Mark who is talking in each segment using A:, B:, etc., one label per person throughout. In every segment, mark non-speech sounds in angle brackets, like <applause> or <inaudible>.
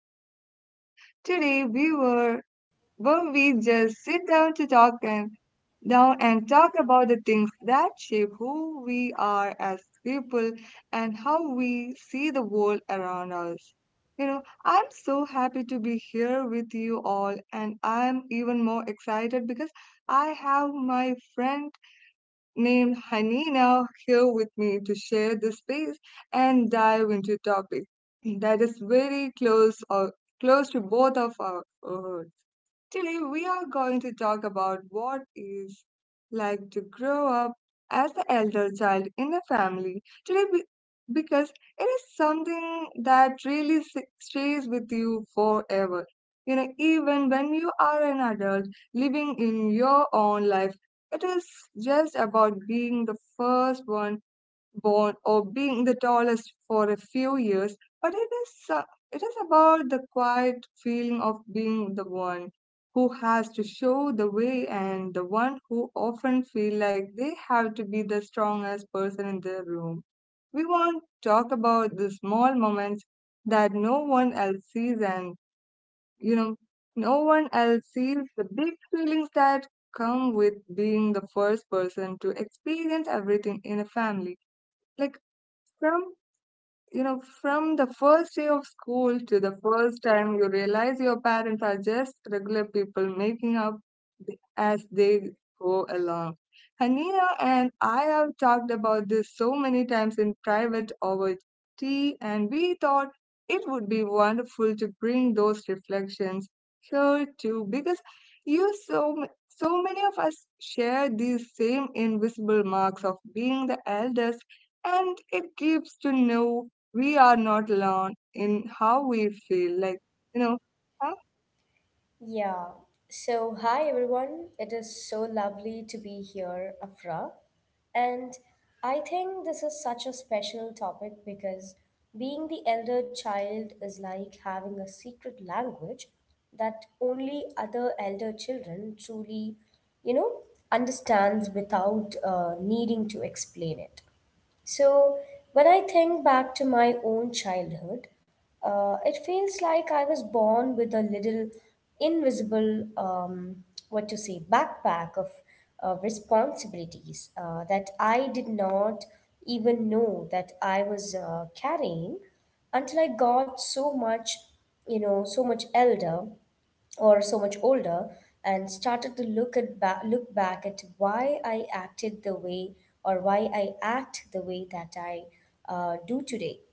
A: to our podcast. Today, we were where we just sit down to talk and down and talk about the things that shape who we are as people and how we see the world around us. You know, I'm so happy to be here with you all, and I'm even more excited because I have my friend named Hanina here with me to share the space and dive into a topic that is very close to both of our. uh, Today, we are going to talk about what is like to grow up as the elder child in a family. Today, because it is something that really stays with you forever. Even when you are an adult living in your own life, it is just about being the first one born or being the tallest for a few years, but it is about the quiet feeling of being the one who has to show the way and the one who often feel like they have to be the strongest person in the room. We want to talk about the small moments that no one else sees, and you know no one else sees the big feelings that come with being the first person to experience everything in a family, like some, from the first day of school to the first time you realize your parents are just regular people making up as they go along. Hanina and I have talked about this so many times in private over tea, and we thought it would be wonderful to bring those reflections here too, because you so m- so many of us share these same invisible marks of being the eldest, and it gives to know we are not alone in how we feel, like, you know huh?
B: Yeah. So, hi everyone. It is so lovely to be here, Afra. And I think this is such a special topic because being the elder child is like having a secret language that only other elder children truly, you know, understands without needing to explain it. So, when I think back to my own childhood, it feels like I was born with a little invisible, what to say, backpack of responsibilities that I did not even know that I was carrying until I got so much, so much elder or so much older and started to look at look back at why I acted the way or why I act the way that I do today.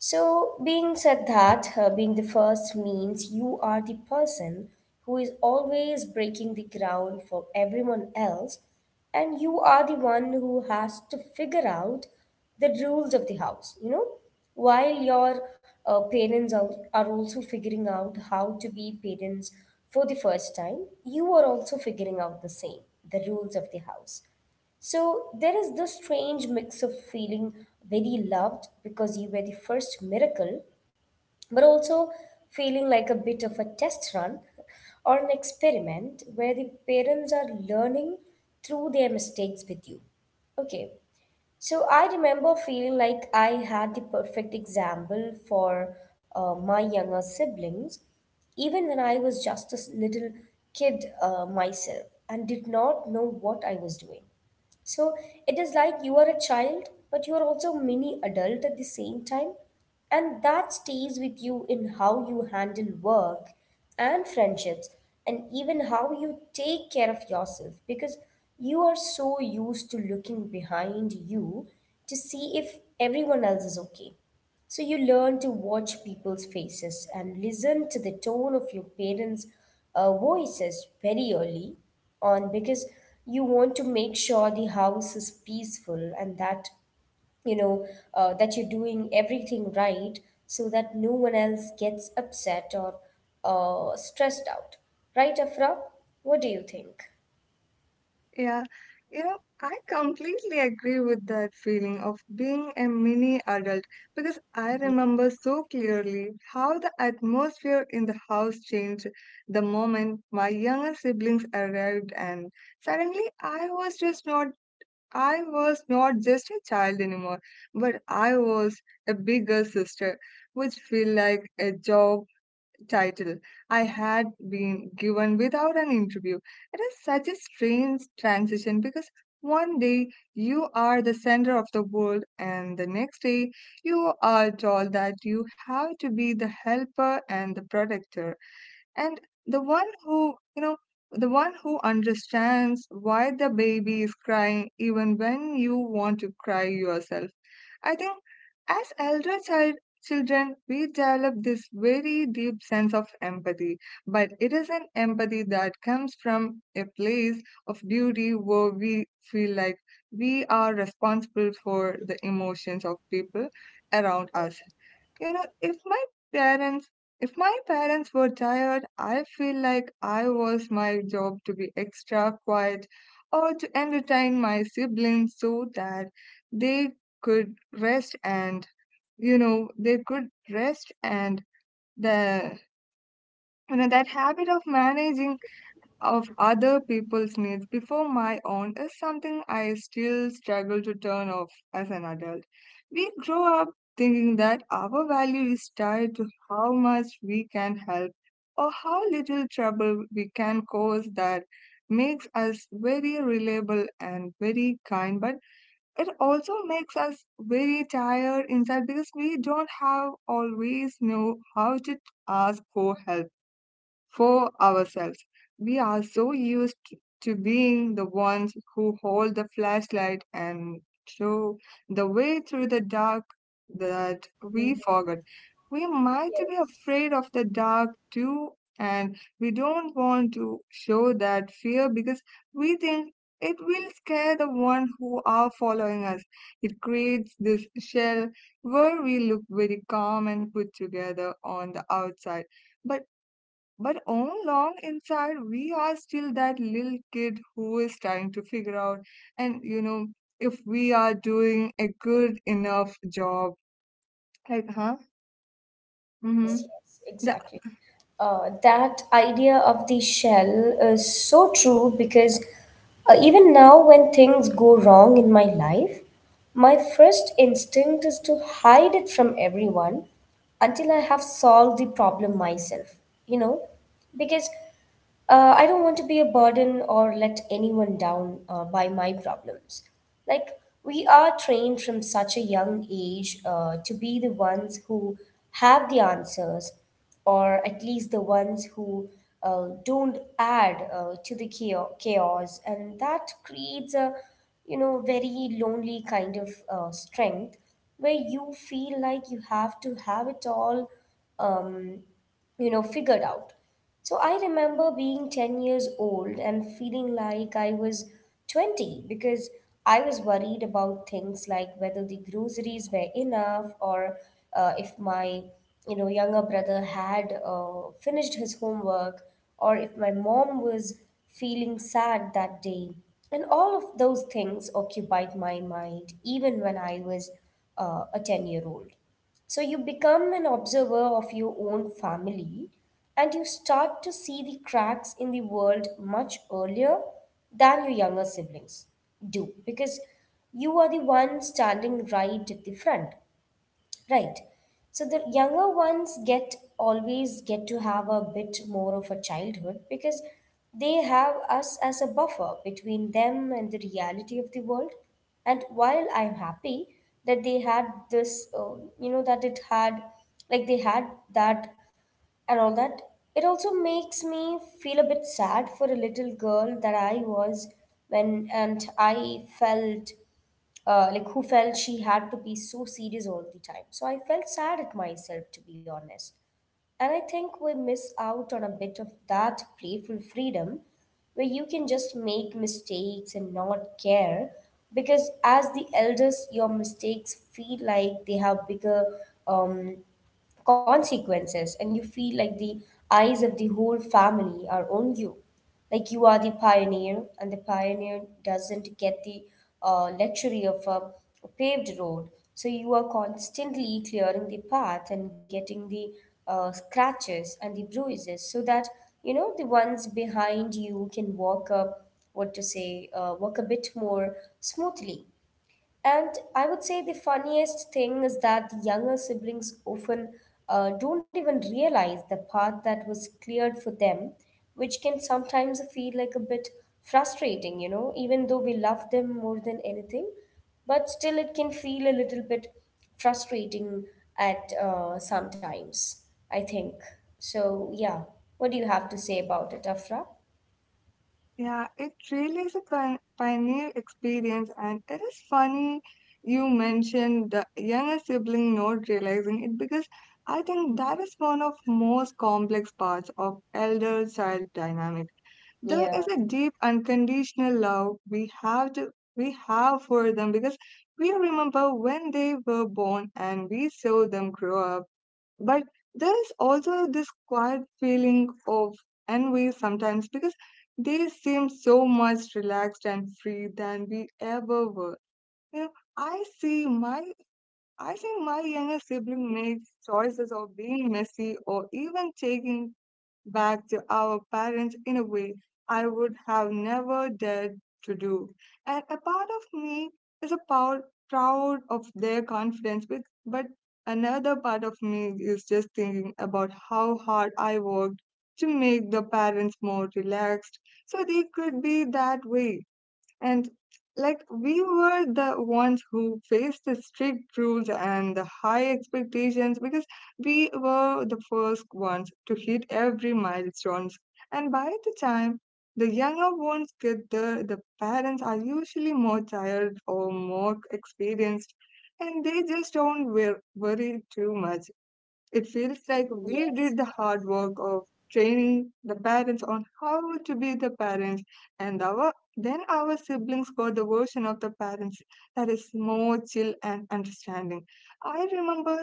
B: So, being said that, being the first means you are the person who is always breaking the ground for everyone else, and you are the one who has to figure out the rules of the house, you know, while your parents are also figuring out how to be parents for the first time, you are also figuring out the same, the rules of the house. So there is this strange mix of feeling very loved because you were the first miracle, but also feeling like a bit of a test run or an experiment where the parents are learning through their mistakes with you. Okay, so I remember feeling like I had the perfect example for my younger siblings, even when I was just a little kid myself and did not know what I was doing. So it is like you are a child, but you are also mini adult at the same time. And that stays with you in how you handle work and friendships and even how you take care of yourself because you are so used to looking behind you to see if everyone else is okay. So you learn to watch people's faces and listen to the tone of your parents' voices very early on because you want to make sure the house is peaceful and that, you know that you're doing everything right so that no one else gets upset or stressed out. Right, Afra? What do you think?
A: Yeah, you know I completely agree with that feeling of being a mini adult, because I remember so clearly how the atmosphere in the house changed the moment my younger siblings arrived, and suddenly I was not just a child anymore, but I was a bigger sister, which feel like a job title I had been given without an interview. It is such a strange transition because one day you are the center of the world, and the next day you are told that you have to be the helper and the protector, and the one who you know the one who understands why the baby is crying even when you want to cry yourself. I think, as elder children, we develop this very deep sense of empathy, but it is an empathy that comes from a place of duty where we feel like we are responsible for the emotions of people around us. you know, if my parents if my parents were tired, I feel like I was my job to be extra quiet or to entertain my siblings so that they could rest and you know they could rest and the you know that habit of managing of other people's needs before my own is something I still struggle to turn off as an adult. We grow up thinking that our value is tied to how much we can help or how little trouble we can cause, that makes us very reliable and very kind, but it also makes us very tired inside because we don't have always know how to ask for help for ourselves. We are so used to being the ones who hold the flashlight and show the way through the dark that we forget. We might be
B: Yes.
A: afraid of the dark too, and we don't want to show that fear because we think it will scare the one who are following us. It creates this shell where we look very calm and put together on the outside, but but all along inside, we are still that little kid who is trying to figure out, and if we are doing a good enough job. Like, huh? Mm-hmm.
B: Yes, yes,
A: The,
B: exactly. That idea of the shell is so true because even now, when things go wrong in my life, my first instinct is to hide it from everyone until I have solved the problem myself, you know, because I don't want to be a burden or let anyone down by my problems. Like, we are trained from such a young age to be the ones who have the answers, or at least the ones who don't add to the chaos. And that creates a, you know, very lonely kind of strength where you feel like you have to have it all, um, figured out. So I remember being 10 years old and feeling like I was 20 because I was worried about things like whether the groceries were enough or, if my, younger brother had finished his homework, or if my mom was feeling sad that day. And all of those things occupied my mind even when I was a 10-year-old. So you become an observer of your own family and you start to see the cracks in the world much earlier than your younger siblings do because you are the one standing right at the front. Right. So the younger ones get, always get to have a bit more of a childhood because they have us as a buffer between them and the reality of the world. And while I'm happy that they had this, you know, that it had, like they had that and all that. It also makes me feel a bit sad for a little girl that I was when, and I felt like, who felt she had to be so serious all the time. So I felt sad at myself, to be honest. And I think we miss out on a bit of that playful freedom where you can just make mistakes and not care because as the elders your mistakes feel like they have bigger um consequences, and you feel like the eyes of the whole family are on you. Like, you are the pioneer and the pioneer doesn't get the luxury of a paved road, so you are constantly clearing the path and getting the scratches and the bruises so that, the ones behind you can walk up, what to say walk a bit more smoothly. And I would say the funniest thing is that the younger siblings often don't even realize the path that was cleared for them, which can sometimes feel like a bit frustrating, you know, even though we love them more than anything. But still, it can feel a little bit frustrating at sometimes, I think. So, yeah. What do you have to say about it, Afra?
A: yeah, it really is a pioneer experience, and it is funny you mentioned the younger sibling not realizing it because I think that is one of most complex parts of elder child dynamic. There
B: Yeah.
A: is a deep unconditional love we have for them because we remember when they were born and we saw them grow up. But there is also this quiet feeling of envy sometimes, because they seem so much relaxed and free than we ever were. you know i see my I think my younger sibling makes choices of being messy or even taking back to our parents in a way I would have never dared to do. And a part of me is proud of their confidence, but another part of me is just thinking about how hard I worked to make the parents more relaxed so they could be that way. And, like, we were the ones who faced the strict rules and the high expectations because we were the first ones to hit every milestones. And by the time the younger ones get there, the parents are usually more tired or more experienced, and they just don't worry too much. It feels like we
B: Yes.
A: did the hard work of training the parents on how to be the parents, and our then our siblings got the version of the parents that is more chill and understanding. I remember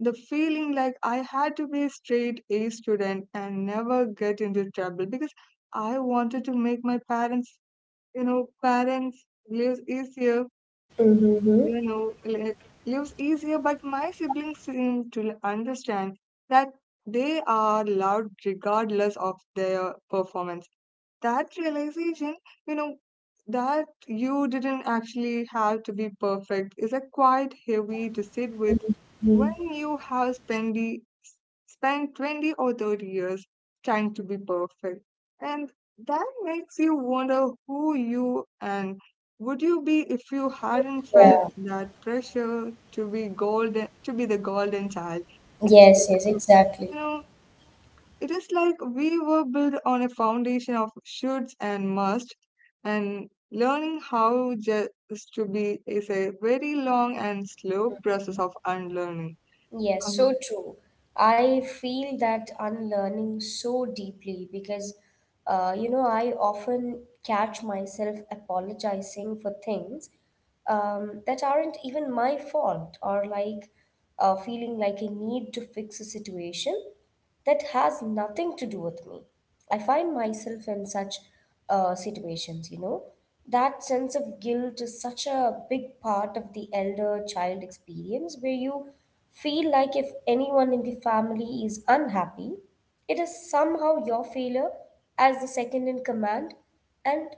A: the feeling like I had to be a straight A student and never get into trouble, because I wanted to make my parents lives easier,
B: Mm-hmm.
A: you know, li- but my siblings seem to understand that they are loved regardless of their performance. That realization, you know, that you didn't actually have to be perfect, is a quite heavy to sit with when you have spent 20 or 30 years trying to be perfect. And that makes you wonder who you and would you be if you hadn't felt
B: Yeah.
A: that pressure to be the golden child? It is
B: Yes,
A: like,
B: yes, exactly.
A: you know, it is like we were built on a foundation of shoulds and must, and learning how just to be is a very long and slow process of unlearning.
B: Yes, so
A: Um,
B: true. I feel that unlearning so deeply because, you know, I often catch myself apologizing for things that aren't even my fault, or like feeling like a need to fix a situation that has nothing to do with me. I find myself in such situations, you know. That sense of guilt is such a big part of the elder child experience where you feel like if anyone in the family is unhappy, it is somehow your failure as the second in command. And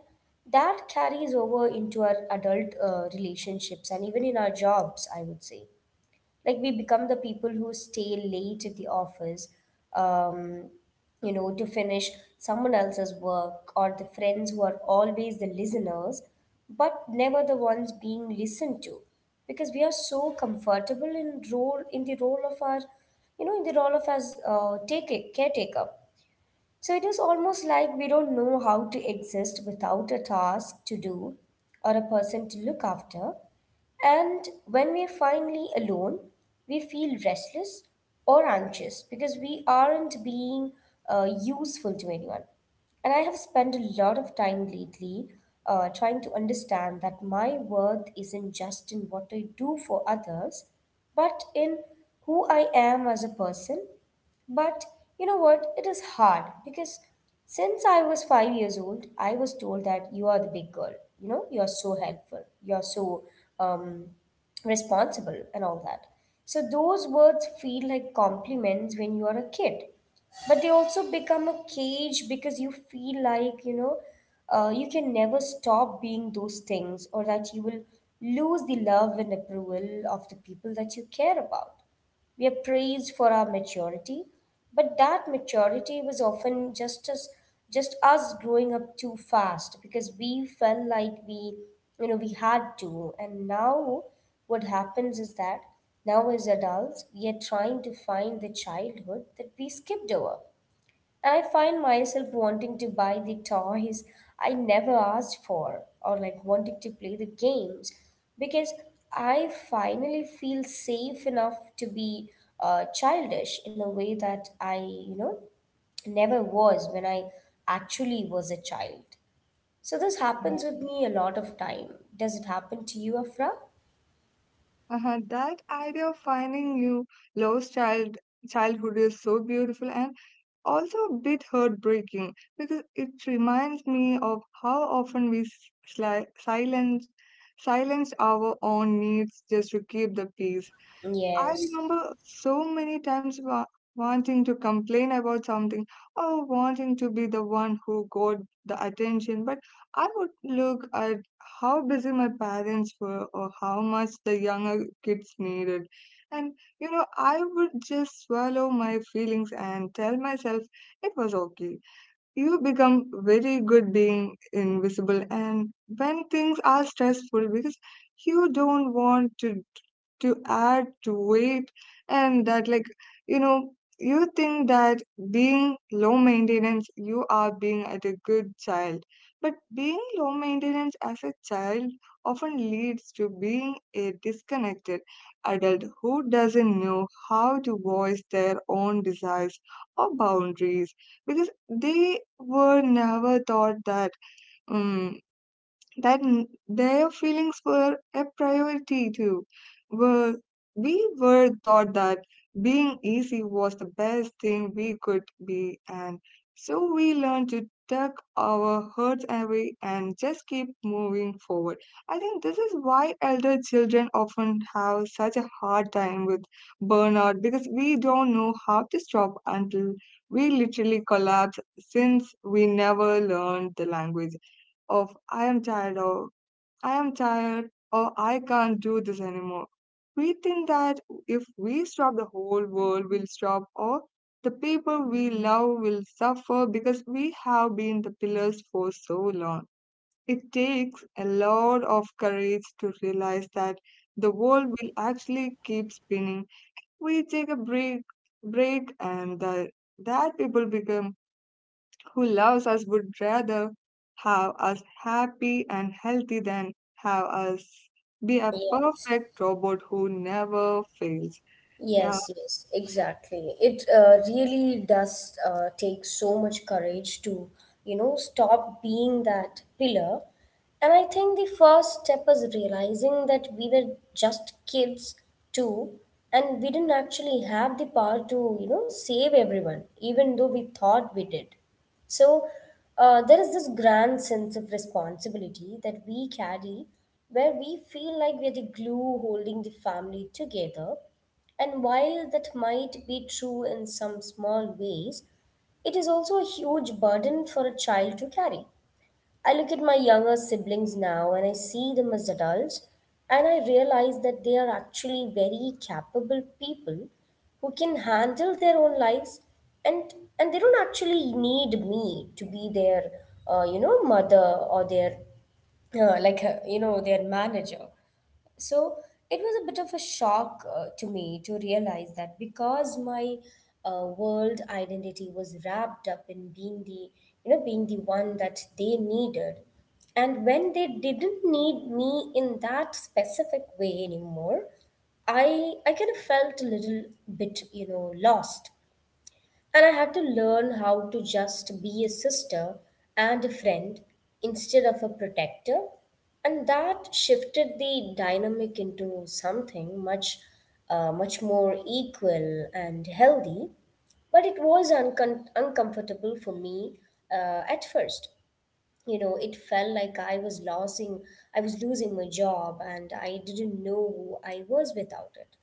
B: that carries over into our adult relationships and even in our jobs, I would say, like we become the people who stay late at the office, um, to finish someone else's work, or the friends who are always the listeners but never the ones being listened to, because we are so comfortable in role in the role of our, you know in the role of as take caretaker. So it is almost like we don't know how to exist without a task to do or a person to look after. And when we're finally alone, we feel restless or anxious because we aren't being useful to anyone. And I have spent a lot of time lately trying to understand that my worth isn't just in what I do for others, but in who I am as a person. But you know what? It is hard because since I was 5 years old, I was told that you are the big girl. You know, you are so helpful. You are so um, responsible and all that. So those words feel like compliments when you are a kid, but they also become a cage because you feel like, you can never stop being those things, or that you will lose the love and approval of the people that you care about. We are praised for our maturity, but that maturity was often just us growing up too fast because we felt like we, you know, we had to. And now what happens is that now as adults, we are trying to find the childhood that we skipped over. And I find myself wanting to buy the toys I never asked for, or like wanting to play the games because I finally feel safe enough to be childish in a way that I, you know, never was when I actually was a child. So this happens with me a lot of time. Does it happen to you, Afra?
A: uh-huh, that idea of finding you lost childhood is so beautiful and also a bit heartbreaking because it reminds me of how often we sli- silence silenced our own needs just to keep the peace. I
B: Yes.
A: remember so many times wanting to complain about something or wanting to be the one who got the attention, but I would look at how busy my parents were or how much the younger kids needed. And, I would just swallow my feelings and tell myself it was okay. You become very good being invisible, and when things are stressful, because you don't want to add to it, and that, like, you know you think that being low maintenance you are being at a good child, but being low maintenance as a child often leads to being a disconnected adult who doesn't know how to voice their own desires or boundaries because they were never taught that um, their feelings were a priority too. Were we were taught that being easy was the best thing we could be, and so we learned to tuck our hurts away and just keep moving forward. I think this is why elder children often have such a hard time with burnout, because we don't know how to stop until we literally collapse, since we never learned the language of I am tired or I can't do this anymore. We think that if we stop, the whole world will stop, or the people we love will suffer because we have been the pillars for so long. It takes a lot of courage to realize that the world will actually keep spinning. We take a break, and that people become who loves us would rather have us happy and healthy than have us be a
B: Yes.
A: perfect robot who never fails. Yeah.
B: Yes, yes, exactly. It really does take so much courage to, you know, stop being that pillar. And I think the first step is realizing that we were just kids too, and we didn't actually have the power to, you know, save everyone, even though we thought we did. So there is this grand sense of responsibility that we carry where we feel like we're the glue holding the family together. And while that might be true in some small ways, it is also a huge burden for a child to carry. I look at my younger siblings now and I see them as adults, and I realize that they are actually very capable people who can handle their own lives, and they don't actually need me to be their, you know, mother, or their, you know, their manager. So it was a bit of a shock to me to realize that because my world identity was wrapped up in being the being the one that they needed. And when they didn't need me in that specific way anymore, I kind of felt a little bit, lost. And I had to learn how to just be a sister and a friend instead of a protector. And that shifted the dynamic into something much, much more equal and healthy. But it was uncomfortable for me, at first. You know, it felt like I was losing my job, and I didn't know who I was without it.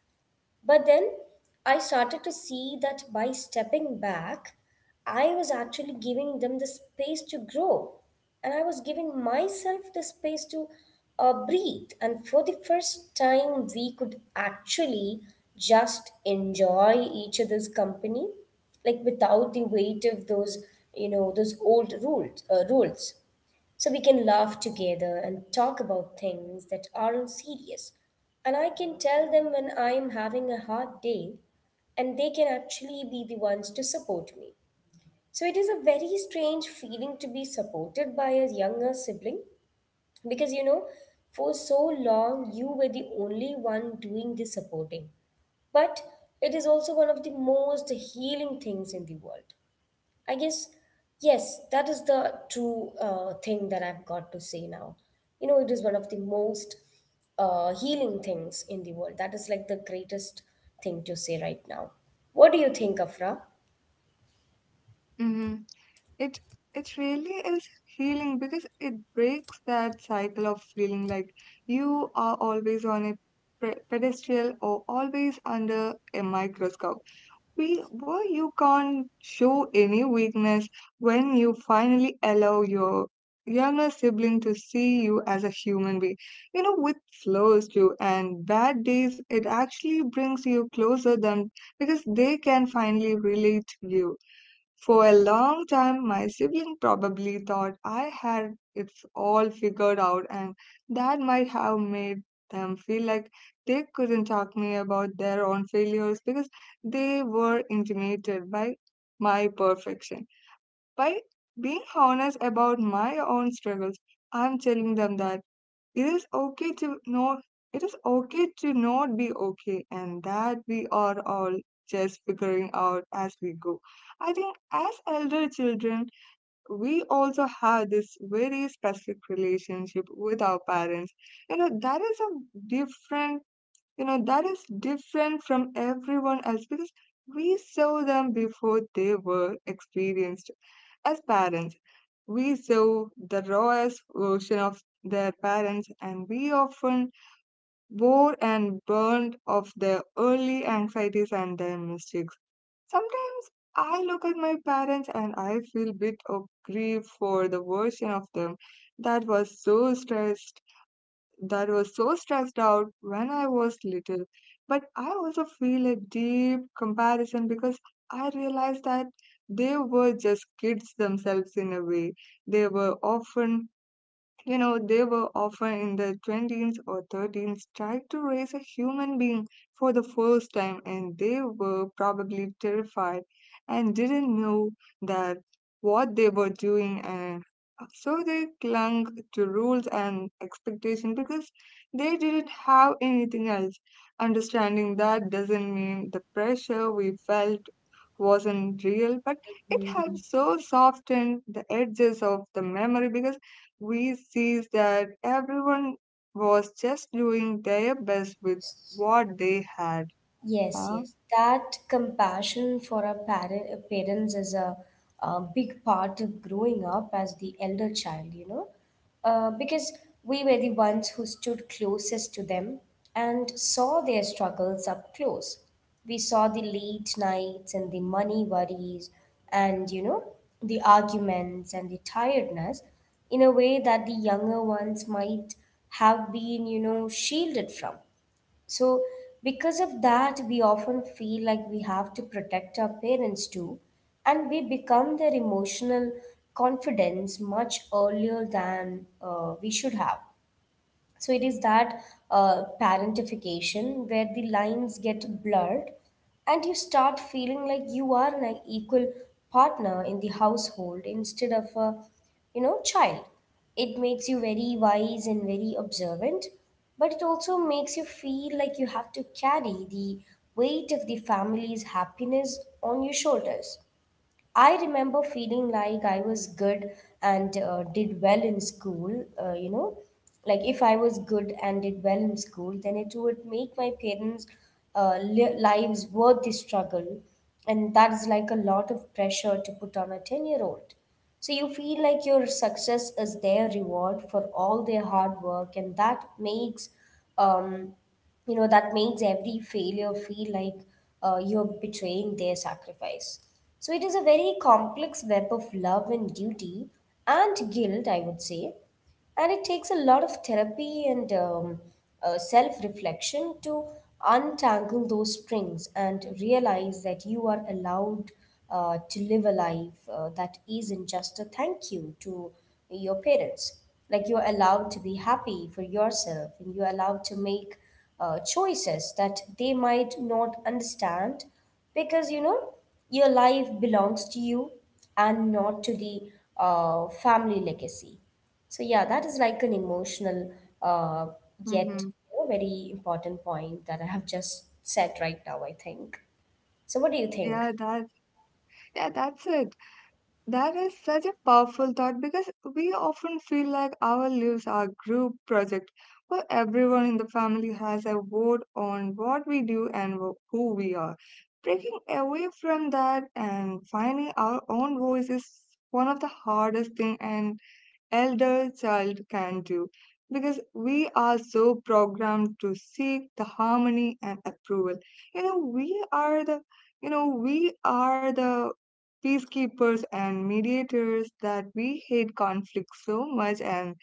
B: But then I started to see that by stepping back, I was actually giving them the space to grow. And I was giving myself the space to breathe. And for the first time, we could actually just enjoy each other's company, like without the weight of those, those old rules. So we can laugh together and talk about things that aren't serious. And I can tell them when I'm having a hard day, and they can actually be the ones to support me. So it is a very strange feeling to be supported by a younger sibling because, you know, for so long you were the only one doing the supporting. But it is also one of the most healing things in the world. I guess, yes, that is the true thing that I've got to say now. You know, it is one of the most healing things in the world. That is like the greatest thing to say right now. What do you think, Afra?
A: Hmm. It it really is healing because it breaks that cycle of feeling like you are always on a pedestal or always under a microscope. Where you can't show any weakness, when you finally allow your younger sibling to see you as a human being. Which slows you and bad days, it actually brings you closer them because they can finally relate to you. For a long time, my sibling probably thought I had it all figured out, and that might have made them feel like they couldn't talk to me about their own failures because they were intimidated by my perfection. By being honest about my own struggles, I'm telling them that it is okay to not it is okay to not be okay, and that we are all just figuring out as we go. I think as elder children, we also have this very specific relationship with our parents. You know, that is a different, you know, that is different from everyone else because we saw them before they were experienced as parents. We saw the rawest version of their parents, and we often bore and burned of their early anxieties and their mistakes. Sometimes I look at my parents and I feel bit of grief for the version of them that was so stressed that was so stressed out when I was little. But I also feel a deep comparison because I realized that they were just kids themselves in a way. They were often they were often in their 20s or 30s trying to raise a human being for the first time, and they were probably terrified and didn't know that what they were doing, and so they clung to rules and expectation because they didn't have anything else. Understanding that doesn't mean the pressure we felt wasn't real, but it had so softened the edges of the memory because we sees that everyone was just doing their best with what they had.
B: Yes,
A: Huh?
B: yes. That compassion for our parents is a big part of growing up as the elder child, you know, because we were the ones who stood closest to them and saw their struggles up close. We saw the late nights and the money worries and, you know, the arguments and the tiredness in a way that the younger ones might have been, you know, shielded from. So, because of that, we often feel like we have to protect our parents too, and we become their emotional confidence much earlier than we should have. So it is that parentification, where the lines get blurred and you start feeling like you are an equal partner in the household instead of a, you know, child. It makes you very wise and very observant, but it also makes you feel like you have to carry the weight of the family's happiness on your shoulders. I remember feeling like I was good and did well in school, you know. Like if I was good and did well in school, then it would make my lives worth the struggle. And that is like a lot of pressure to put on a 10-year-old. So you feel like your success is their reward for all their hard work, and that makes, um, you know, that makes every failure feel like, you're betraying their sacrifice. So it is a very complex web of love and duty and guilt, I would say. And it takes a lot of therapy and self reflection to untangle those strings and realize that you are allowed to live a life that isn't just a thank you to your parents. Like, you're allowed to be happy for yourself, and you're allowed to make choices that they might not understand, because, you know, your life belongs to you and not to the, family legacy. So yeah, that is like an emotional, uh, yet,
A: Mm-hmm.
B: you know, very important point that I have just said right now, I think. So what do you think?
A: Yeah, that yeah, that's it. That is such a powerful thought because we often feel like our lives are group project, where everyone in the family has a vote on what we do and who we are. Breaking away from that and finding our own voice is one of the hardest thing and elder child can do, because we are so programmed to seek the harmony and approval. You know we are the you know we are the peacekeepers and mediators, that we hate conflict so much, and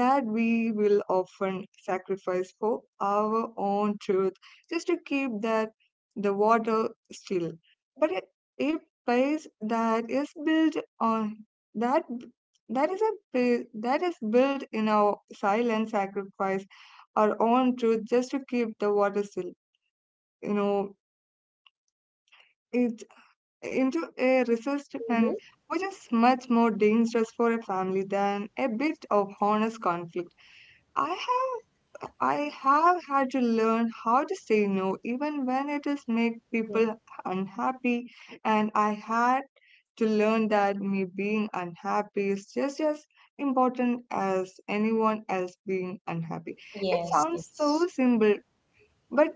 A: that we will often sacrifice for our own truth just to keep that the water still. But it, a pace that is built on that that is built in our silent sacrifice, our own truth, just to keep the water still. You know, it into a
B: Mm-hmm.
A: resistance, which is much more dangerous for a family than a bit of honest conflict. I have had to learn how to say no even when it is make people unhappy, and I had to learn that me being unhappy is just as important as anyone else being unhappy. It
B: Yes,
A: sounds so
B: yes.
A: simple, but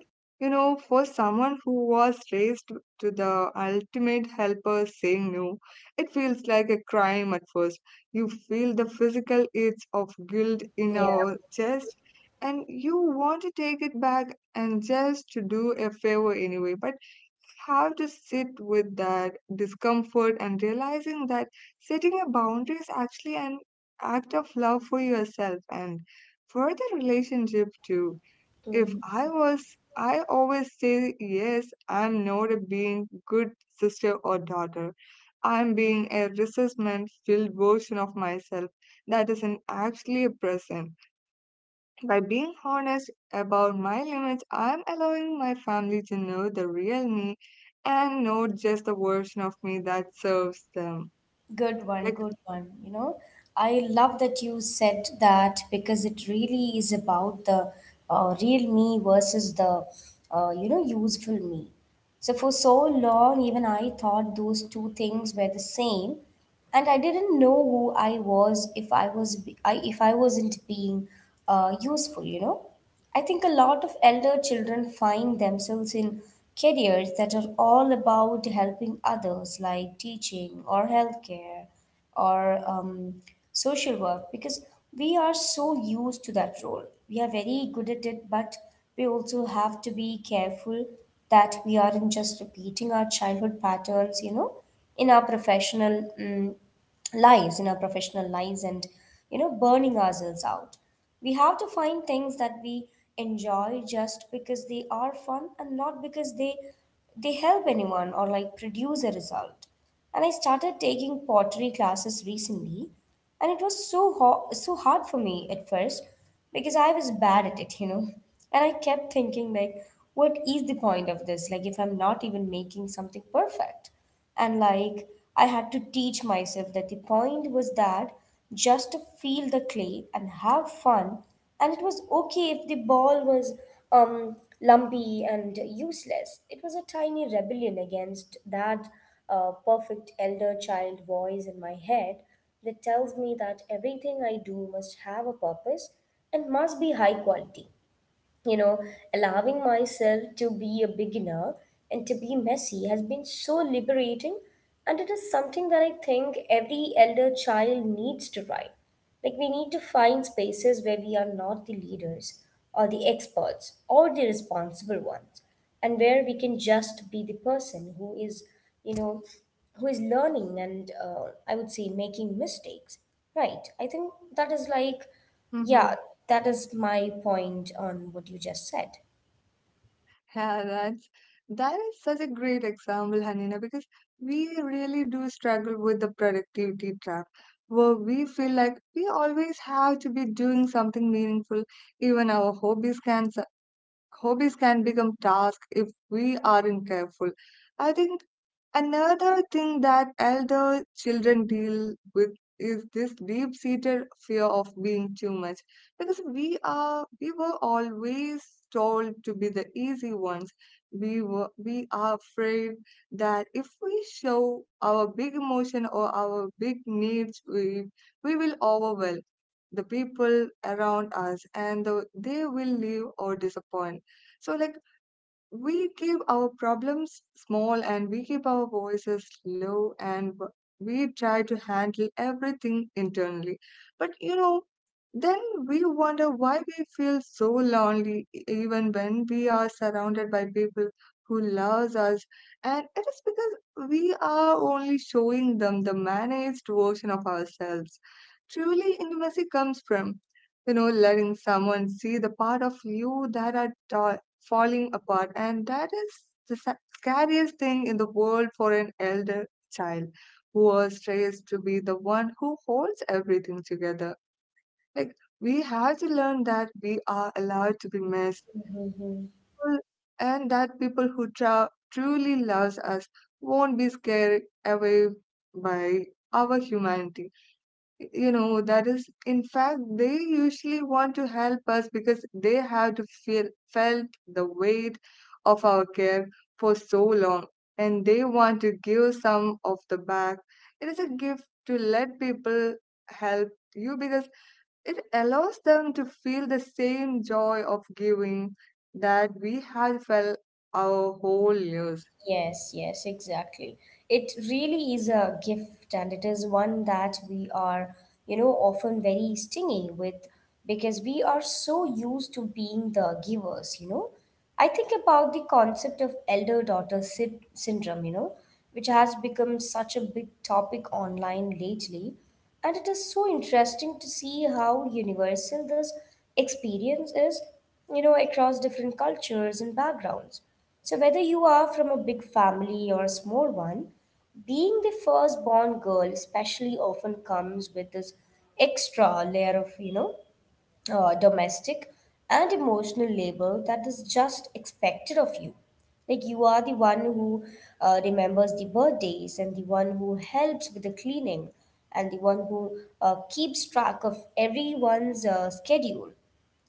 A: you know, for someone who was raised to the ultimate helper, saying no, it feels like a crime at first. You feel the physical itch of guilt in
B: Yeah.
A: our chest, and you want to take it back and just to do a favor anyway. But have to sit with that discomfort and realizing that setting a boundary is actually an act of love for yourself and for the relationship too. If I was, I always say yes, I'm not a being good sister or daughter. I'm being a resentment filled version of myself that isn't actually present. By being honest about my limits, I'm allowing my family to know the real me and not just the version of me that serves them.
B: Good one,
A: Like,
B: good one. You know, I love that you said that because it really is about the, real me versus the, you know, useful me. So for so long, even I thought those two things were the same, and I didn't know who I was if I was be- I, if I wasn't being useful. You know. I think a lot of elder children find themselves in careers that are all about helping others, like teaching or healthcare or, social work, because we are so used to that role. We are very good at it, but we also have to be careful that we aren't just repeating our childhood patterns, you know, in our professional lives in our professional lives. And, you know, burning ourselves out, we have to find things that we enjoy just because they are fun and not because they help anyone or like produce a result. And I started taking pottery classes recently, and it was so hard for me at first because I was bad at it, you know. And I kept thinking like, what is the point of this, like if I'm not even making something perfect? And like, I had to teach myself that the point was that just to feel the clay and have fun, and it was okay if the ball was, lumpy and useless. It was a tiny rebellion against that perfect elder child voice in my head that tells me that everything I do must have a purpose and must be high quality. You know, allowing myself to be a beginner and to be messy has been so liberating. And it is something that I think every elder child needs to try. Like, we need to find spaces where we are not the leaders or the experts or the responsible ones, and where we can just be the person who is, you know, who is learning and, I would say, making mistakes. Right. I think that is like, yeah, that is my point on what you just said.
A: Yeah, that's that is such a great example, Hanina, because we really do struggle with the productivity trap, where we feel like we always have to be doing something meaningful. Even our hobbies can Hobbies can become tasks if we aren't careful. I think another thing that elder children deal with is this deep-seated fear of being too much, because we were always told to be the easy ones. We are afraid that if we show our big emotion or our big needs, we will overwhelm the people around us, and they will leave or disappoint. So, like, we keep our problems small and we keep our voices low, and we try to handle everything internally. But you know, then we wonder why we feel so lonely even when we are surrounded by people who loves us, and it is because we are only showing them the managed version of ourselves. Truly intimacy comes from, you know, letting someone see the part of you that are falling apart, and that is the scariest thing in the world for an elder child who was raised to be the one who holds everything together. Like, we have to learn that we are allowed to be messed, people- and that people who truly loves us won't be scared away by our humanity. You know, that is in fact they usually want to help us because they have to feel felt the weight of our care for so long, and they want to give some of the back. It is a gift to let people help you, because it allows them to feel the same joy of giving that we had felt our whole lives.
B: Yes, yes, exactly. It really is a gift, and it is one that we are, you know, often very stingy with, because we are so used to being the givers, you know. I think about the concept of elder daughter syndrome, you know, which has become such a big topic online lately. And it is so interesting to see how universal this experience is, you know, across different cultures and backgrounds. So, whether you are from a big family or a small one, being the firstborn girl, especially, often comes with this extra layer of, you know, domestic and emotional labor that is just expected of you. Like, you are the one who remembers the birthdays, and the one who helps with the cleaning, and the one who keeps track of everyone's schedule,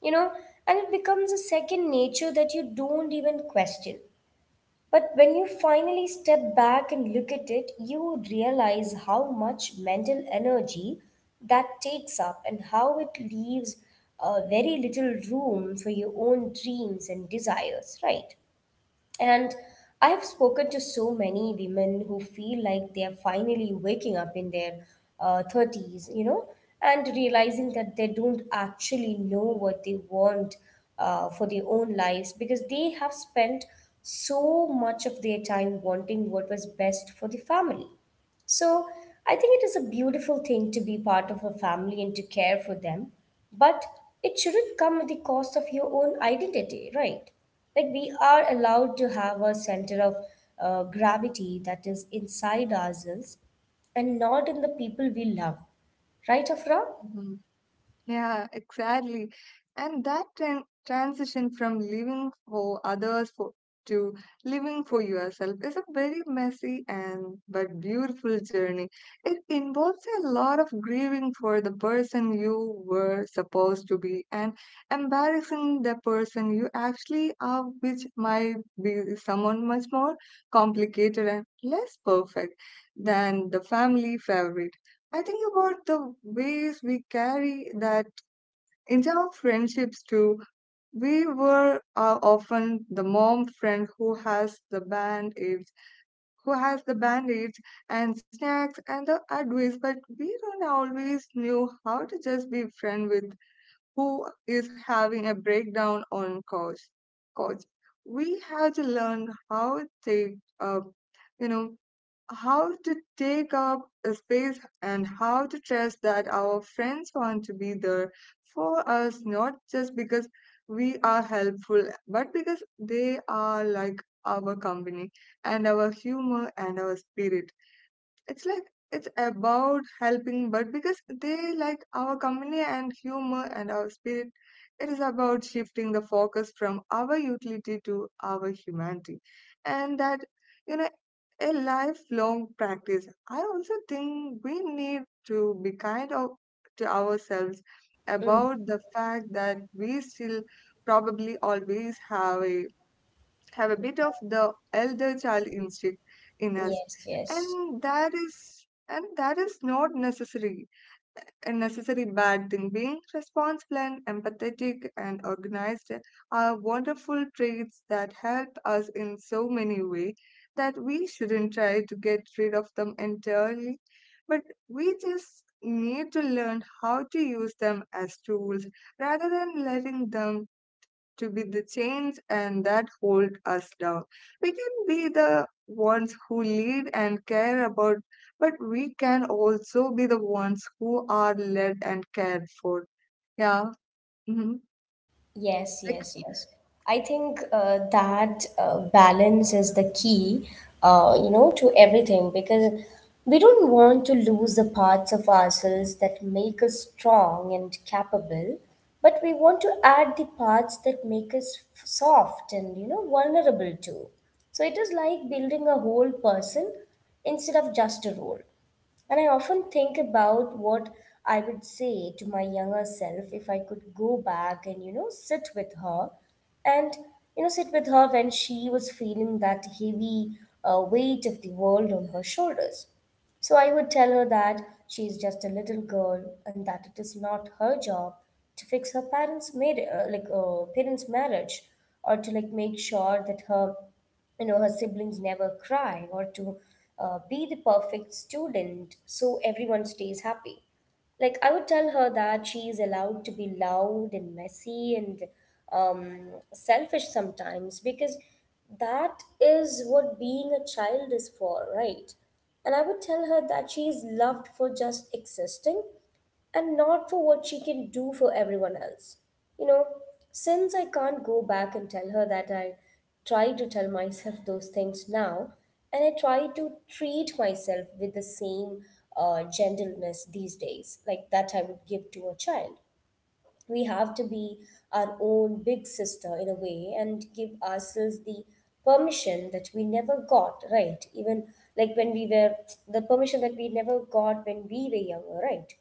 B: you know, and it becomes a second nature that you don't even question. But when you finally step back and look at it, you realize how much mental energy that takes up and how it leaves very little room for your own dreams and desires, right? And I've spoken to so many women who feel like they're finally waking up in their, 30s, you know, and realizing that they don't actually know what they want for their own lives, because they have spent so much of their time wanting what was best for the family. So I think it is a beautiful thing to be part of a family and to care for them, but it shouldn't come at the cost of your own identity, right? Like, we are allowed to have a center of gravity that is inside ourselves and not in the people we love, right, Afra?
A: Yeah, exactly. And that tran transition from living for others for, to living for yourself is a very messy and but beautiful journey. It involves a lot of grieving for the person you were supposed to be and embarrassing the person you actually are, which might be someone much more complicated and less perfect than the family favorite. I think about the ways we carry that into our friendships too. We were often the mom friend who has the band aids, who has the bandage and snacks and the advice, but we don't always knew how to just be friend with who is having a breakdown on couch. We had to learn how to take up, you know, how to take up a space, and how to trust that our friends want to be there for us, not just because we are helpful, but because they are like our company and our humor and our spirit. It's like it's about helping but because they like our company and humor and our spirit. It is about shifting the focus from our utility to our humanity, and that, you know, a lifelong practice. I also think we need to be kind of to ourselves
B: Mm.
A: about the fact that we still probably always have a bit of the elder child instinct in us,
B: Yes, yes.
A: and that is and that is not necessary a necessary bad thing. Being responsible and empathetic and organized are wonderful traits that help us in so many ways, that we shouldn't try to get rid of them entirely. But we just need to learn how to use them as tools rather than letting them to be the chains and that hold us down. We can be the ones who lead and care about, but we can also be the ones who are led and cared for. Yeah. Hmm.
B: Yes,
A: Like,
B: yes, yes. I think that balance is the key, you know, to everything, because we don't want to lose the parts of ourselves that make us strong and capable, but we want to add the parts that make us soft and, you know, vulnerable too. So it is like building a whole person instead of just a role. And I often think about what I would say to my younger self if I could go back and, and, you know, sit with her when she was feeling that heavy weight of the world on her shoulders. So I would tell her that she is just a little girl and that it is not her job to fix her parents' marriage, or to like make sure that her, you know, her siblings never cry, or to be the perfect student so everyone stays happy. Like, I would tell her that she is allowed to be loud and messy and, selfish sometimes, because that is what being a child is for, right? And I would tell her that she is loved for just existing and not for what she can do for everyone else. You know, since I can't go back and tell her that I try to tell myself <laughs> those things now, and I try to treat myself with the same gentleness these days, like that I would give to a child. We have to be our own big sister in a way and give ourselves the permission that we never got, right? Even like when we were the permission that we never got when we were younger, right?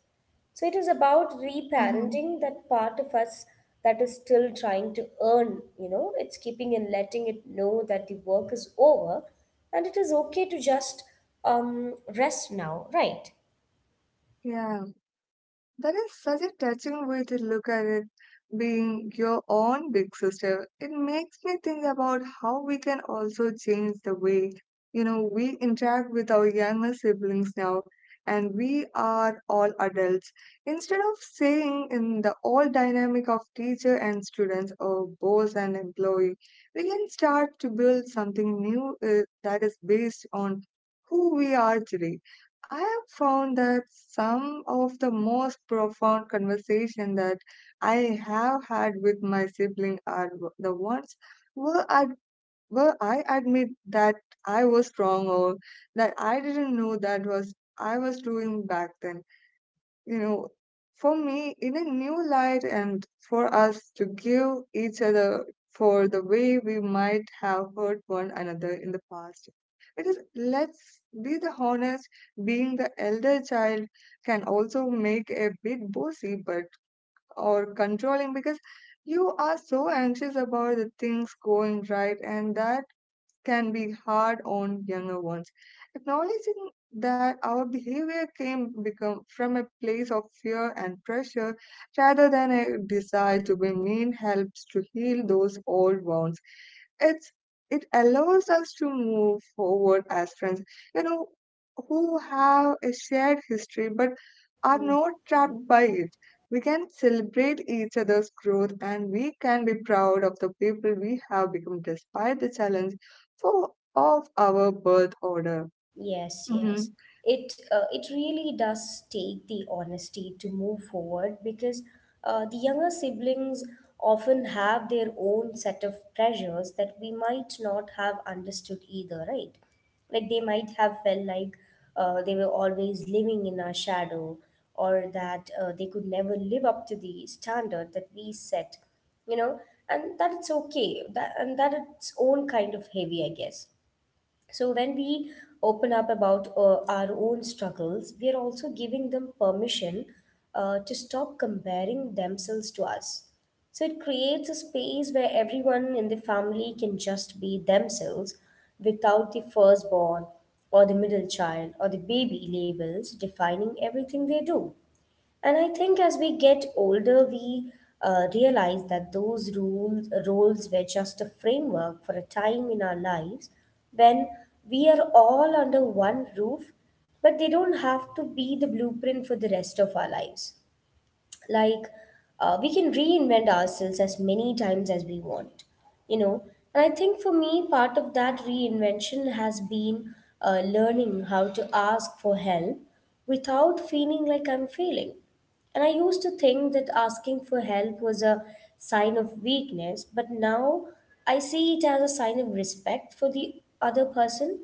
B: So it is about
A: hmm,
B: reparenting that part of us that is still trying to earn, you know, it's keeping and letting it know that the work is over and it is okay to just rest now, right?
A: yeah. That is such a touching way to look at it, being your own big sister. It makes me think about how we can also change the way, you know, we interact with our younger siblings now, and we are all adults. Instead of saying in the old dynamic of teacher and students or boss and employee, we can start to build something new that is based on who we are today. I have found that some of the most profound conversation that I have had with my sibling are the ones where I where I admit that I was wrong, or that I didn't know that was I was doing back then, you know, for me, in a new light, and for us to give each other for the way we might have hurt one another in the past. Because let's be the honest, being the elder child can also make a bit bossy but or controlling because you are so anxious about the things going right, and that can be hard on younger ones. Acknowledging that our behavior came become from a place of fear and pressure rather than a desire to be mean helps to heal those old wounds. It's it allows us to move forward as friends, you know, who have a shared history but are not trapped by it. We can celebrate each other's growth, and we can be proud of the people we have become despite the challenge for of our birth order.
B: Yes,
A: Mhm.
B: yes. It it really does take the honesty to move forward because the younger siblings often have their own set of pressures that we might not have understood either, right? Like they might have felt like they were always living in our shadow or that they could never live up to the standard that we set, you know, and that it's okay, that and that its own kind of heavy, I guess. So when we open up about our own struggles, we are also giving them permission to stop comparing themselves to us. So it creates a space where everyone in the family can just be themselves, without the firstborn or the middle child or the baby labels defining everything they do. And I think as we get older, we realize that those rules roles were just a framework for a time in our lives when we are all under one roof, but they don't have to be the blueprint for the rest of our lives. Like we can reinvent ourselves as many times as we want, you know. And I think for me, part of that reinvention has been learning how to ask for help without feeling like I'm failing. And I used to think that asking for help was a sign of weakness, but now I see it as a sign of respect for the other person,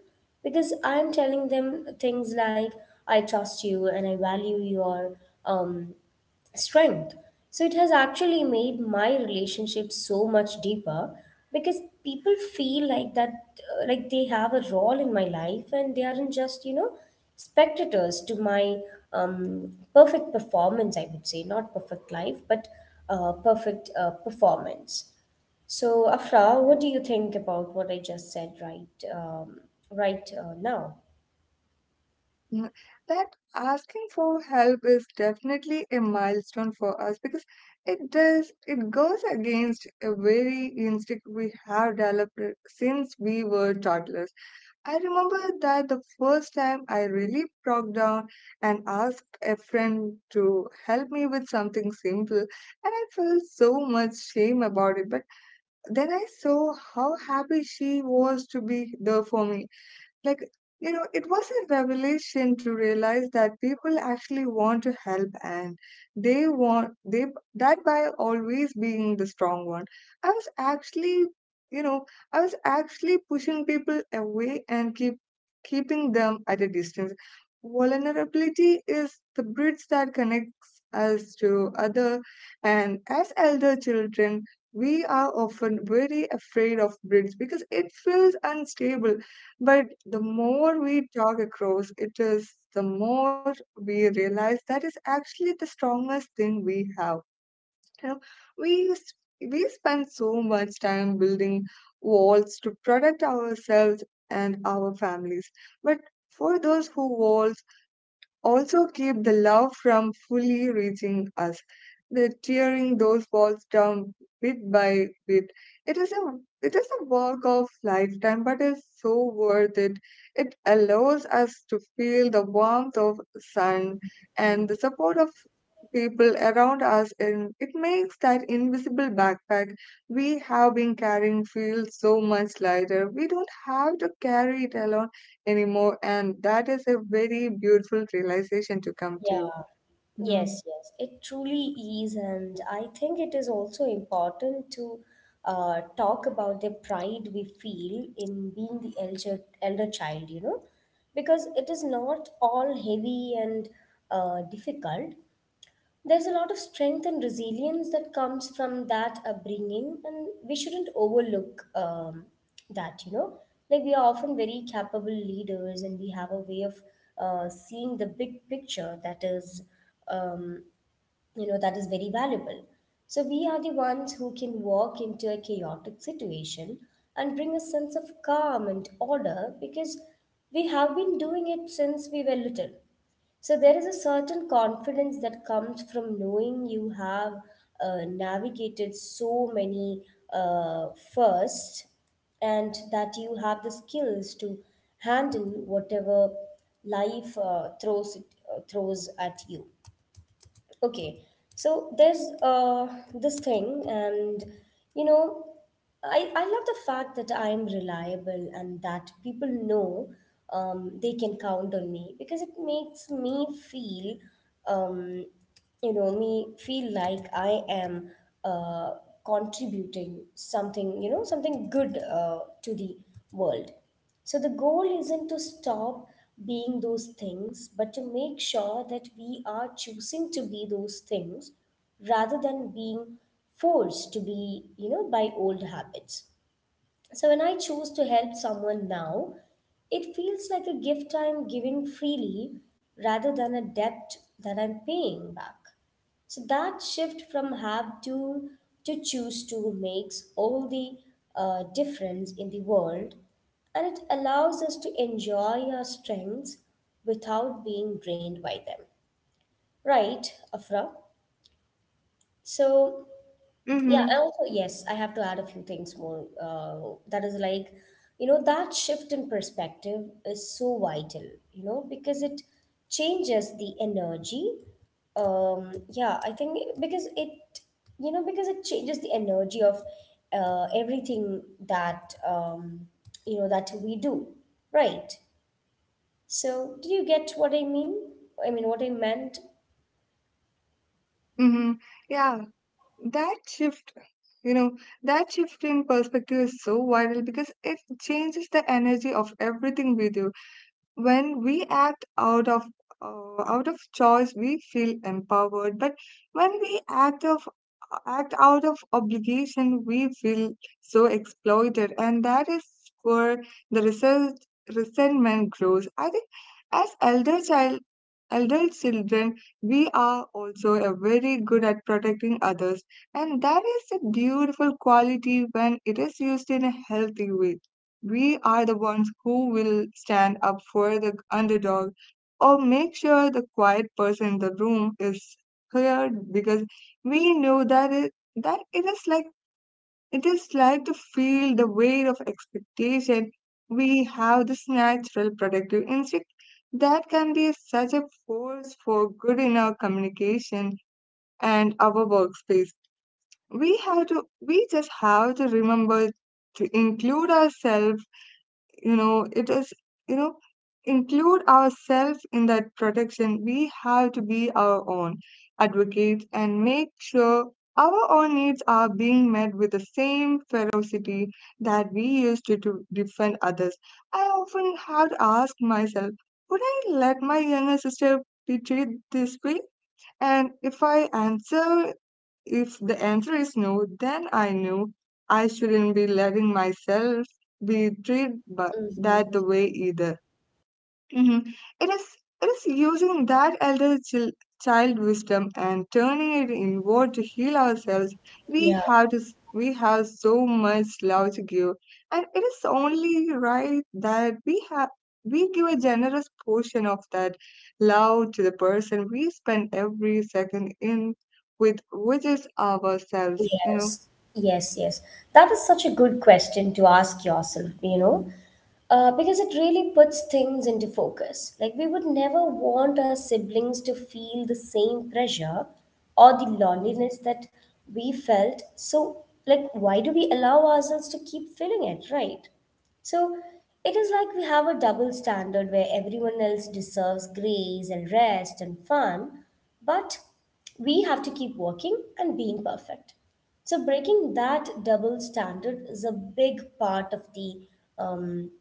B: because I'm telling them things like I trust you and I value your um, strength. So it has actually made my relationship so much deeper, because people feel like that, like they have a role in my life and they aren't just, you know, spectators to my perfect performance, I would say. Not perfect life, but perfect performance. So, Afra, what do you think about what I just said right, right now?
A: Mm, that asking for help is definitely a milestone for us, because it goes against a very instinct we have developed since we were toddlers. I remember that the first time I really broke down and asked a friend to help me with something simple, and I felt so much shame about it. But then I saw how happy she was to be there for me. Like, you know, it was a revelation to realize that people actually want to help, and they want they that by always being the strong one, I was actually, you know, I was actually pushing people away and keeping them at a distance. Vulnerability is the bridge that connects us to other and as elder children we are often very afraid of bridge because it feels unstable but the more we talk across it is, the more we realize that is actually the strongest thing we have. You know, we s- we spend so much time building walls to protect ourselves and our families, but for those who walls also keep the love from fully reaching us. They're tearing those walls down bit by bit. It is a it is a work of lifetime, but it's so worth it. It allows us to feel the warmth of sun and the support of people around us, and it makes that invisible backpack we have been carrying feel so much lighter. We don't have to carry it alone anymore. And that is a very beautiful realization to come to.
B: Yeah.
A: Mm-hmm.
B: Yes, yes, it truly is, and I think it is also important to talk about the pride we feel in being the elder child, you know, because it is not all heavy and difficult. There's a lot of strength and resilience that comes from that upbringing, and we shouldn't overlook that, you know. Like, we are often very capable leaders, and we have a way of seeing the big picture that is um, you know that is very valuable. So we are the ones who can walk into a chaotic situation and bring a sense of calm and order, because we have been doing it since we were little. So there is a certain confidence that comes from knowing you have navigated so many uh, firsts, and that you have the skills to handle whatever life throws at you. Okay, so there's this thing, and you know, I love the fact that I'm reliable and that people know they can count on me, because it makes me feel, um, you know, me feel like I am uh, contributing something, you know, something good to the world. So the goal isn't to stop being those things, but to make sure that we are choosing to be those things rather than being forced to be, you know, by old habits. So when I choose to help someone now, it feels like a gift I'm giving freely rather than a debt that I'm paying back. So that shift from have to choose to makes all the difference in the world, and it allows us to enjoy our strengths without being drained by them. Right, Afra? So yeah,
A: Mm-hmm.
B: and also, yes, I have to add a few things more. That is like, you know, that shift in perspective is so vital, you know, because it changes the energy. Yeah, I think because it, you know, because it changes the energy of everything that, you know, that we do, right? So, do you get what I mean? I mean, what I meant?
A: Mm-hmm. Yeah, that shift, you know, that shift in perspective is so vital because it changes the energy of everything we do. When we act out of choice we feel empowered, but when we act out of obligation we feel so exploited, and that is where the result, resentment grows, I think. As elder children, we are also a very good at protecting others, and that is a beautiful quality when it is used in a healthy way. We are the ones who will stand up for the underdog or make sure the quiet person in the room is heard, because we know that it is like to feel the weight of expectation. We have this natural protective instinct that can be such a force for good in our communication and our workspace. We have to we just have to remember to include ourselves, you know it is you know include ourselves in that protection. We have to be our own advocates and make sure our own needs are being met with the same ferocity that we used to defend others. I often have to ask myself, would I let my younger sister be treated this way? And if the answer is no, then I knew I shouldn't be letting myself be treated by that
B: Mm-hmm.
A: the way either. Hmm. It is it is using that child wisdom and turning it inward to heal ourselves. We
B: Yeah.
A: have to s- we have so much love to give, and it is only right that we give a generous portion of that love to the person we spend every second in with, which is ourselves. You know.
B: Yes, yes, yes. That is such a good question to ask yourself, you know, because it really puts things into focus. Like, we would never want our siblings to feel the same pressure or the loneliness that we felt. So, like, why do we allow ourselves to keep feeling it, right? So it is like we have a double standard where everyone else deserves grace and rest and fun, but we have to keep working and being perfect. So breaking that double standard is a big part of the um,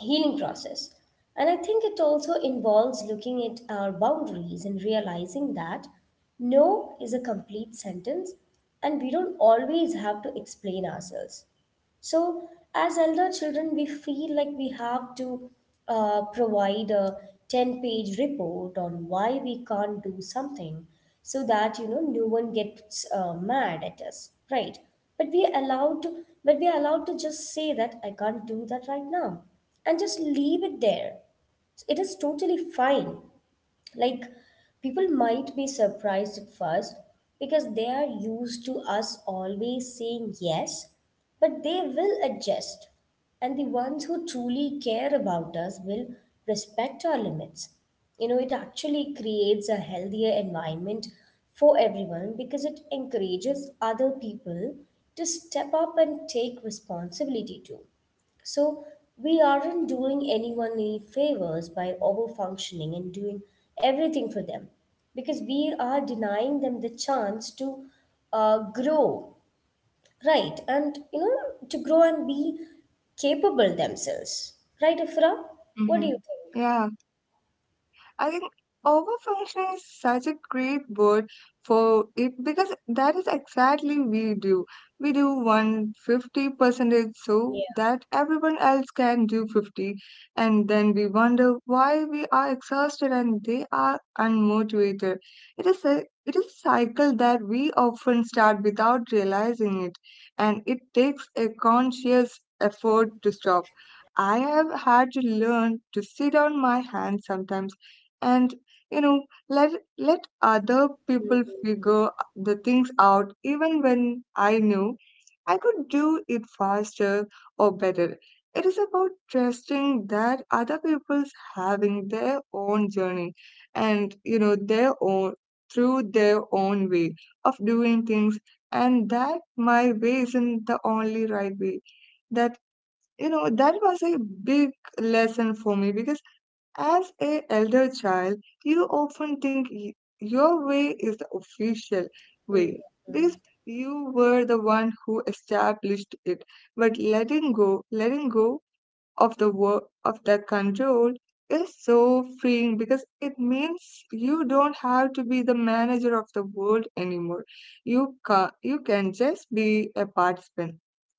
B: healing process. And I think it also involves looking at our boundaries and realizing that no is a complete sentence and we don't always have to explain ourselves. So, as elder children, we feel like we have to provide a 10-page report on why we can't do something, so that you know no one gets mad at us, right? But we are allowed to, but we are allowed to just say that I can't do that right now and just leave it there. It is totally fine. Like, people might be surprised at first because they are used to us always saying yes, but they will adjust, and the ones who truly care about us will respect our limits. You know, it actually creates a healthier environment for everyone because it encourages other people to step up and take responsibility too. So we aren't doing anyone any favors by overfunctioning and doing everything for them, because we are denying them the chance to grow, right? And you know, to grow and be capable themselves, right, Ifra? What do
A: Hmm.
B: you think?
A: Yeah. I think overfunction is such a great word for it because that is exactly we do. We do 150 percentage so
B: Yeah,
A: that everyone else can do 50, and then we wonder why we are exhausted and they are unmotivated. It is a it is a cycle that we often start without realizing it, and it takes a conscious effort to stop. I have had to learn to sit on my hands sometimes and, you know let other people figure the things out, even when I knew I could do it faster or better. It is about trusting that other people's having their own journey, and their own through their own way of doing things, and that my way isn't the only right way. That you know That was a big lesson for me because as a elder child, you often think your way is the official way because you were the one who established it. But letting go of the work of the control is so freeing because it means you don't have to be the manager of the world anymore. You you can just be a participant.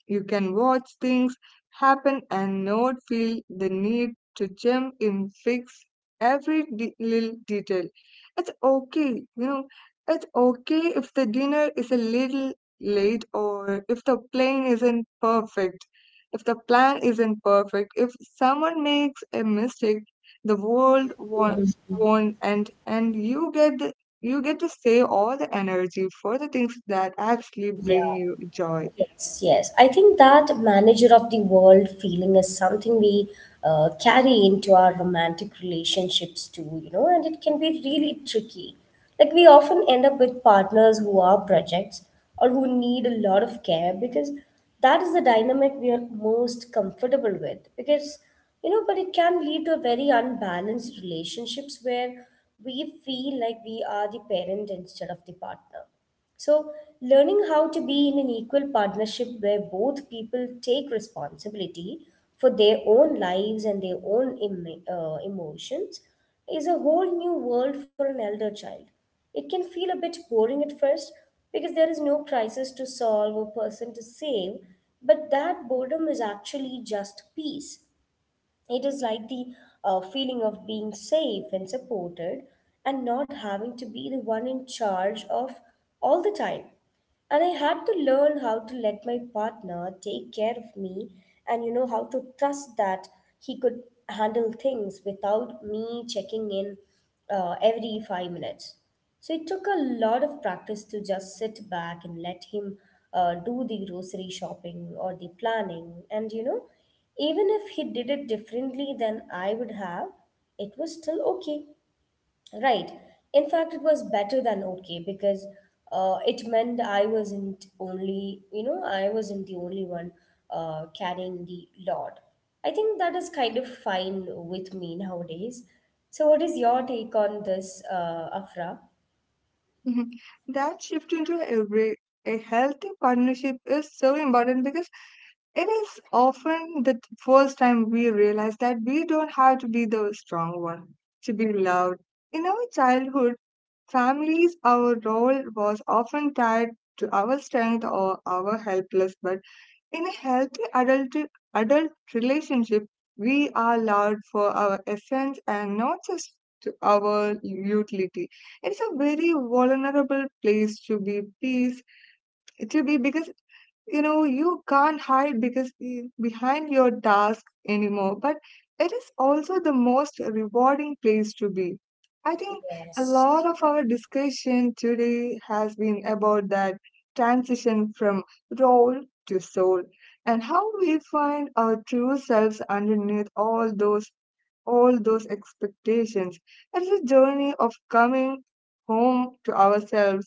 A: You can watch things happen and not feel the need to jump in fix every little detail. It's okay, you know. It's okay if the dinner is a little late or if the plan isn't perfect, if someone makes a mistake, the world won't end, and you get to save all the energy for the things that actually
B: yeah.
A: bring you joy.
B: Yes, yes. I think that manager of the world feeling is something we carry into our romantic relationships too, you know, and it can be really tricky. Like, we often end up with partners who are projects or who need a lot of care, because that is the dynamic we are most comfortable with. Because, you know, but it can lead to a very unbalanced relationships where we feel like we are the parent instead of the partner. So, learning how to be in an equal partnership where both people take responsibility for their own lives and their own emotions is a whole new world for an elder child. It can feel a bit boring at first, because there is no crisis to solve or person to save, but that boredom is actually just peace. It is like the feeling of being safe and supported and not having to be the one in charge of all the time. And I had to learn how to let my partner take care of me, and you know how to trust that he could handle things without me checking in every 5 minutes. So it took a lot of practice to just sit back and let him do the grocery shopping or the planning. And you know, even if he did it differently than I would have, it was still okay. Right. In fact, it was better than okay, because it meant I wasn't only, you know, I wasn't the only one carrying the load. I think that is kind of fine with me nowadays. So, what is your take on this, Afra?
A: Mhm. That shift into a healthy partnership is so important because it is often the first time we realize that we don't have to be the strong one to be loved. In our childhood, families, our role was often tied to our strength or our helplessness, but in a healthy adult relationship, we are loved for our essence and not just to our utility. It's a very vulnerable place to be because, you know, you can't hide because behind your task anymore, but it is also the most rewarding place to be, I think. A lot
B: Yes,
A: of our discussion today has been about that transition from role to soul, and how we find our true selves underneath all those expectations. It's a journey of coming home to ourselves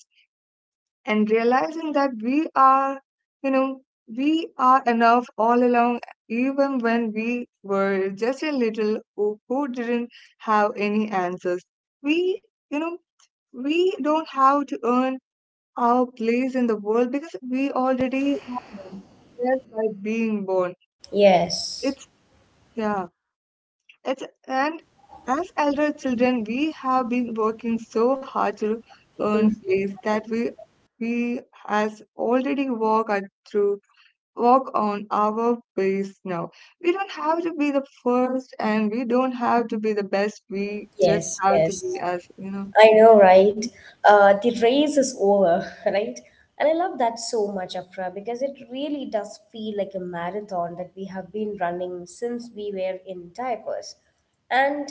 A: and realizing that we are, you know, we are enough all along, even when we were just a little who didn't have any answers. We, you know, we don't have to earn our place in the world because we already have it by being born.
B: yes.
A: It's, yeah, it's, and as elder children, we have been working so hard to earn
B: Mm.
A: place that we has already walked our through work on our pace now. We don't have to be the first and we don't have to be the best. We just
B: Yes,
A: have to
B: yes.
A: be us, you know.
B: I know, right? The race is over, <laughs> right? And I love that so much, Afra, because it really does feel like a marathon that we have been running since we were in diapers. And,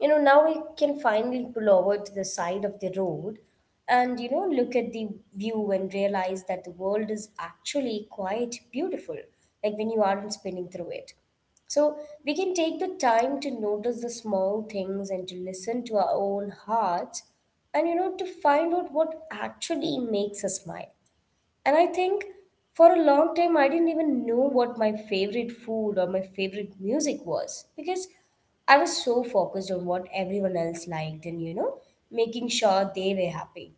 B: you know, now we can finally pull over to the side of the road and, you know, look at the view and realize that the world is actually quite beautiful, like when you aren't spinning through it. So we can take the time to notice the small things and to listen to our own hearts, and you know to find out what actually makes us smile. And I think for a long time I didn't even know what my favorite food or my favorite music was, because I was so focused on what everyone else liked and you know making sure they were happy.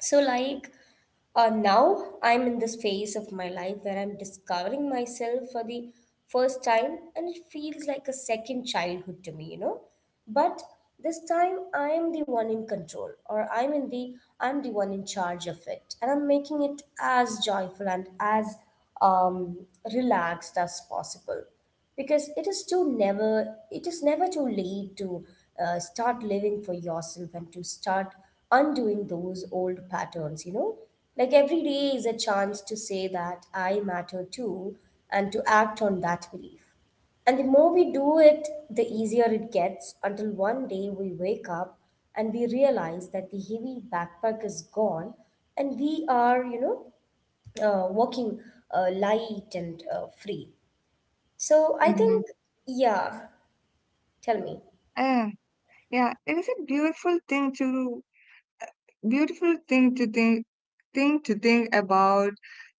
B: So, like, now I'm in this phase of my life where I'm discovering myself for the first time, and it feels like a second childhood to me, you know. But this time I am the one in control, or I'm the one in charge of it, and I'm making it as joyful and as um, relaxed as possible, because it is never too late to start living for yourself and to start undoing those old patterns, you know. Like every day is a chance to say that I matter too, and to act on that belief. And the more we do it, the easier it gets until one day we wake up and we realize that the heavy backpack is gone, and we are, you know, walking light and free. So I
A: Hmm.
B: think, yeah, tell me.
A: And Yeah, it is a beautiful thing to think about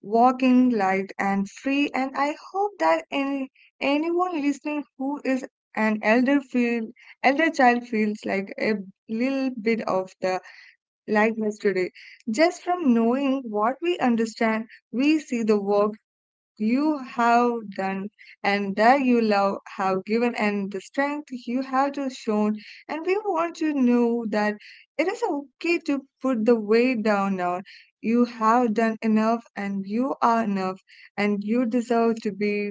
A: walking light and free, and I hope that anyone listening who is an elder feel elder child feels like a little bit of the likeness today. Just from knowing what we understand, we see the work you have done and that you love have given and the strength you have to shown, and we want to know that it is okay to put the weight down now. You have done enough and you are enough, and you deserve to be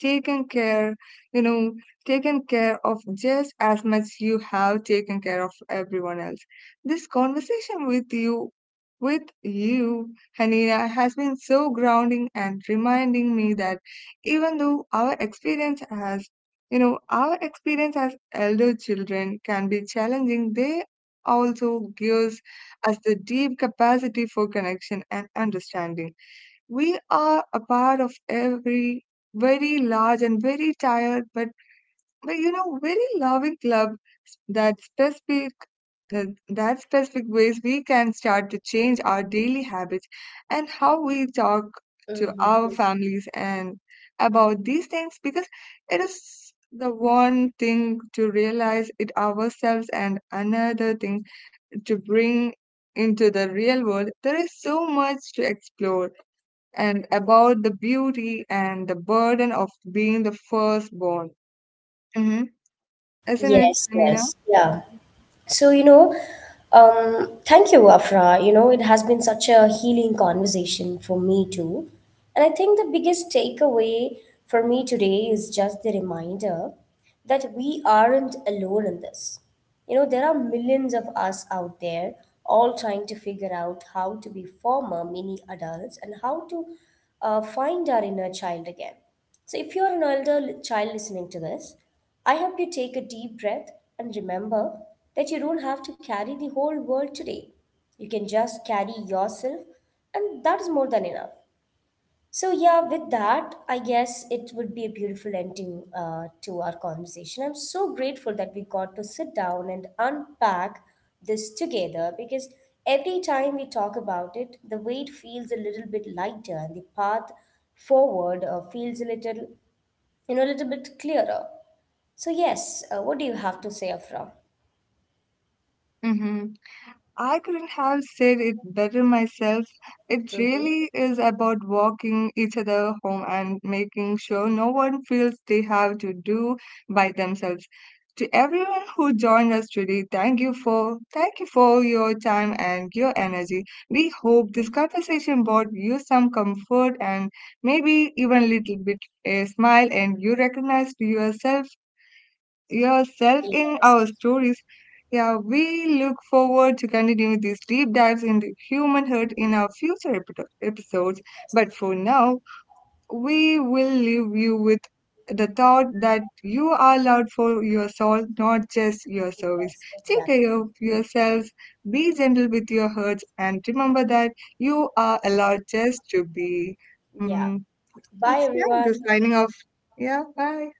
A: taken care, you know, taken care of just as much you have taken care of everyone else. This conversation with you, Hanina, has been so grounding and reminding me that even though as our experience as elder children can be challenging. They also gives us the deep capacity for connection and understanding. We are a part of every very large and very tired, but you know, very loving club that specific that specific ways we can start to change our daily habits and how we talk to
B: Hmm.
A: our families and about these things because it is the one thing to realize it ourselves and another thing to bring into the real world. There is so much to explore and about the beauty and the burden of being the firstborn. Mm-hmm. Isn't it,
B: Yes,
A: Anina?
B: yes, yeah. So, you know, thank you, Afra. You know, it has been such a healing conversation for me too. And I think the biggest takeaway for me today is just the reminder that we aren't alone in this. You know, there are millions of us out there all trying to figure out how to be former mini adults and how to find our inner child again. So, if you're an elder child listening to this, I hope you take a deep breath and remember that you don't have to carry the whole world today. You can just carry yourself, and that is more than enough. So, yeah, with that, I guess it would be a beautiful ending to our conversation. I'm so grateful that we got to sit down and unpack this together, because every time we talk about it, the weight feels a little bit lighter and the path forward feels a little, you know, a little bit clearer. So yes, what do you have to say, Afra?
A: Mm-hmm. I couldn't have said it better myself. It
B: Mm-hmm.
A: really is about walking each other home and making sure no one feels they have to do by themselves. To everyone who joined us today, thank you for your time and your energy. We hope this conversation brought you some comfort and maybe even a little bit a smile, and you recognized yourself in our
B: Yes,
A: stories. Yeah, we look forward to continue these deep dives into human hurt in our future episodes. But for now, we will leave you with the thought that you are loved for your soul, not just your service.
B: yes,
A: Take
B: exactly.
A: care of yourselves, be gentle with your hurts, and remember that you are allowed just to be.
B: Yeah.
A: Mm,
B: Bye,
A: it's time to
B: everyone.
A: signing off. Yeah, bye.